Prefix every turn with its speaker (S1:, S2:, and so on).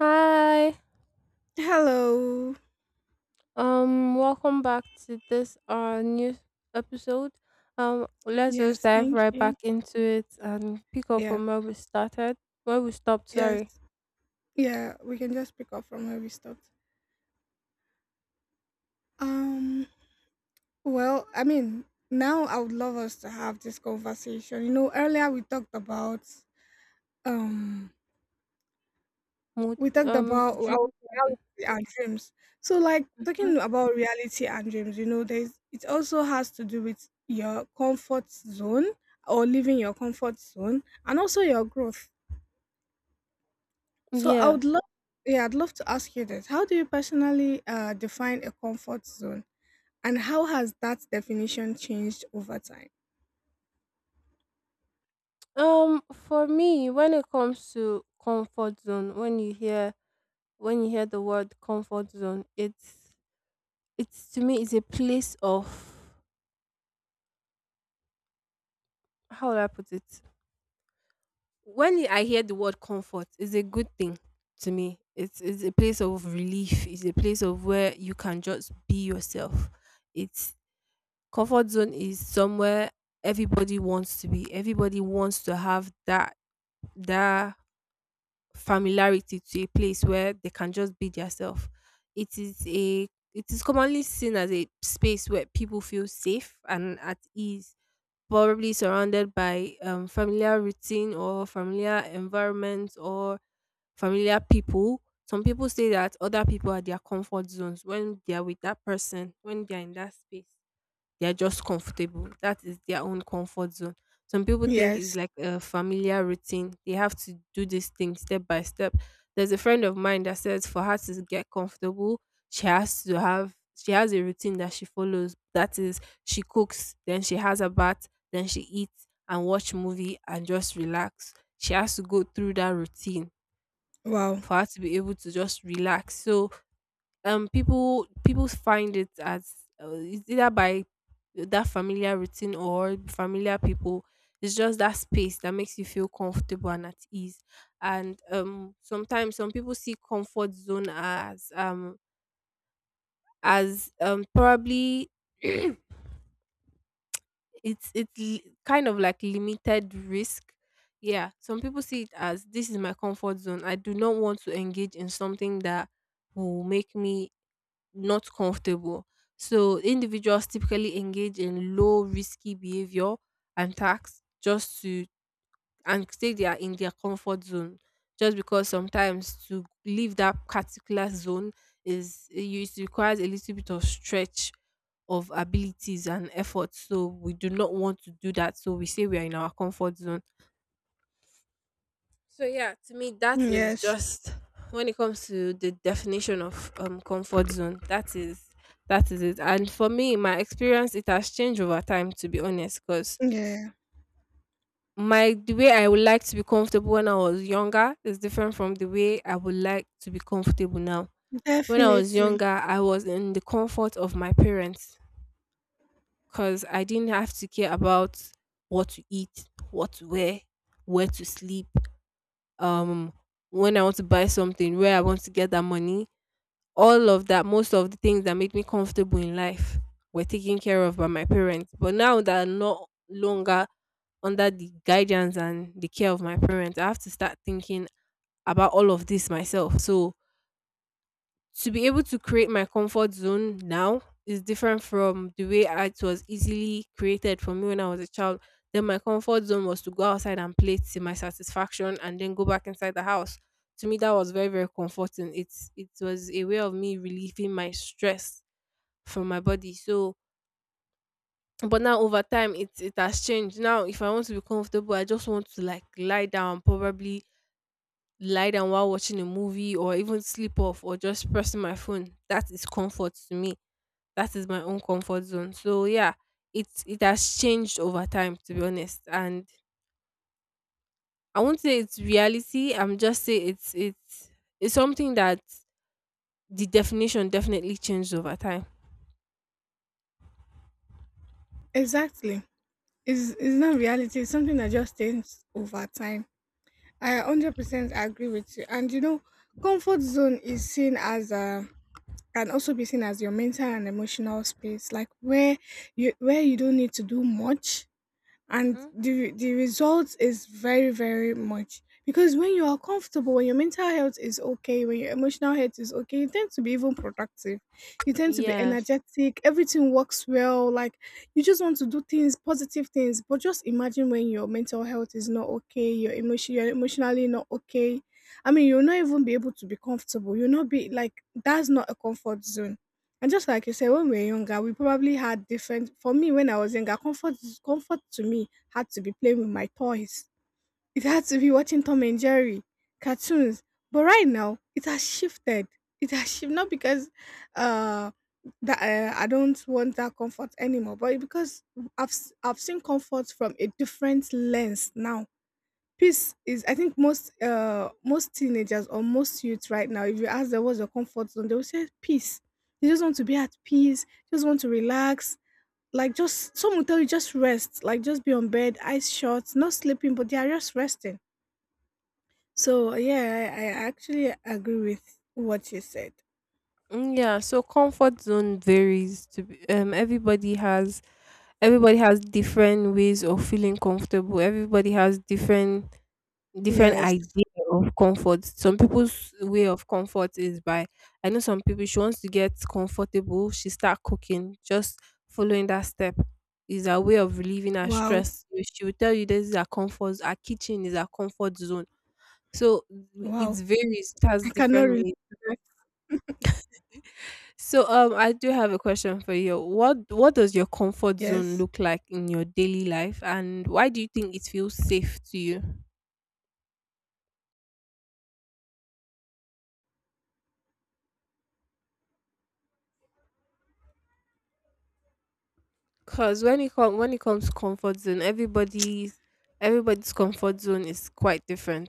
S1: Hi.
S2: Hello.
S1: Welcome back to this new episode. Let's just
S2: Yes,
S1: dive
S2: thank
S1: right
S2: you.
S1: back into it and pick up
S2: Yeah.
S1: from where we started. Where we stopped,
S2: Yes.
S1: sorry.
S2: Yeah, we can just pick up from where we stopped. Um, well, I mean, now I would love us to have this conversation. You know, earlier um we
S1: Mot-
S2: talked about our
S1: Dreams and-
S2: reality and dreams. So like
S1: Mhm.
S2: talking about reality and dreams, you know, there's it also has to do with your comfort zone or leaving your comfort zone and also your growth. So I would
S1: Yes.
S2: love, yeah, I'd love to ask you this. How do you personally define a comfort zone, and how has that definition changed over time?
S1: For me, when it comes to comfort zone, when you hear the word comfort zone, it's to me it's a place of, how would I put it? When I hear the word comfort, it's a good thing to me. It's a place of relief. It's a place of where you can just be yourself. It's Comfort zone is somewhere everybody wants to be. Everybody wants to have that familiarity to a place where they can just be themselves. It is a it is commonly seen as a space where people feel safe and at ease, probably surrounded by familiar routine or familiar environments or familiar people. Some people say that other people are their comfort zones. When they are with that person, when they are in that space, they're just comfortable. That is their own comfort zone. Some people think
S2: Yes.
S1: it's like a familiar routine. They have to do this thing step by step. There's a friend of mine that says for her to get comfortable, she has a routine that she follows. That is, she cooks, then she has a bath, then she eats and watch movie and just relax. She has to go through that routine
S2: Wow.
S1: for her to be able to just relax. So people find it as it's either by that familiar routine or familiar people. It's just that space that makes you feel comfortable and at ease. And sometimes some people see comfort zone as probably it's kind of like limited risk. Yeah, some people see it as, this is my comfort zone, I do not want to engage in something that will make me not comfortable. So individuals typically engage in low risky behavior and tasks, just to, and say they are in their comfort zone. Just because sometimes to leave that particular zone is, it requires a little bit of stretch of abilities and effort. So we do not want to do that. So we say we are in our comfort zone. So yeah, to me, that is
S2: Yes.
S1: just when it comes to the definition of comfort zone. That is it. And for me, my experience, it has changed over time, to be honest, because
S2: Yeah.
S1: my the way I would like to be comfortable when I was younger is different from the way I would like to be comfortable now. When I was
S2: Definitely.
S1: younger, I was in the comfort of my parents, because I didn't have to care about what to eat, what to wear, where to sleep. um when I want to buy something, where I want to get that money, all of that, most of the things that made me comfortable in life were taken care of by my parents. But now that I'm no longer under the guidance and the care of my parents, I have to start thinking about all of this myself. So to be able to create my comfort zone now is different from it was easily created for me when I was a child. Then my comfort zone was to go outside and play to my satisfaction and then go back inside the house. To me, that was very, very comforting. It was a way of me relieving my stress from my body. So but now over time it has changed. Now if I want to be comfortable, I just want to like lie down, probably lie down while watching a movie or even sleep off or just pressing my phone. That is comfort to me. That is my own comfort zone. So yeah, it has changed over time, to be honest. And I won't say it's reality. I'm just say it's something that the definition definitely changed over time.
S2: Exactly. It's not reality. It's something that just changes over time. I 100% agree with you. And you know, comfort zone is seen as a Can also be seen as your mental and emotional space, like where you don't need to do much, and
S1: Hmm.
S2: the result is very, very much. Because when you are comfortable, when your mental health is okay, when your emotional health is okay, you tend to be even productive, you tend to be
S1: Yes.
S2: energetic. Everything works well. Like, you just want to do things positive things. But just imagine when your mental health is not okay, your emotion you're emotionally not okay. I mean, you'll not even be able to be comfortable. You'll not be like, that's not a comfort zone. And just like you said, when we were younger, we probably had different. For me, when I was younger, comfort to me had to be playing with my toys. It had to be watching Tom and Jerry cartoons. But right now, it has shifted. It has shifted not because uh that I don't want that comfort anymore, but because I've seen comfort from a different lens now. Peace is, I think most most teenagers or most youth right now, if you ask them what's your comfort zone, they'll say peace. They just want to be at peace, just want to relax. Like, just some will tell you just rest, like just be on bed, eyes shut, not sleeping, but they are just resting. So yeah, I actually agree with what you said.
S1: Mm, yeah. So comfort zone varies. To be, everybody has different ways of feeling comfortable. Everybody has different
S2: Yes.
S1: idea of comfort. Some people's way of comfort is by, I know some people, she wants to get comfortable, she start cooking, just following that step is a way of relieving her
S2: Wow.
S1: stress. She will tell you this is her comfort, her kitchen is her comfort zone. So it
S2: Wow.
S1: varies, it has
S2: I cannot
S1: different
S2: relate
S1: ways.
S2: to that.
S1: So I do have a question for you. What does your comfort zone
S2: Yes.
S1: look like in your daily life, and why do you think it feels safe to you? Cause when it comes to comfort zone, everybody's comfort zone is quite different.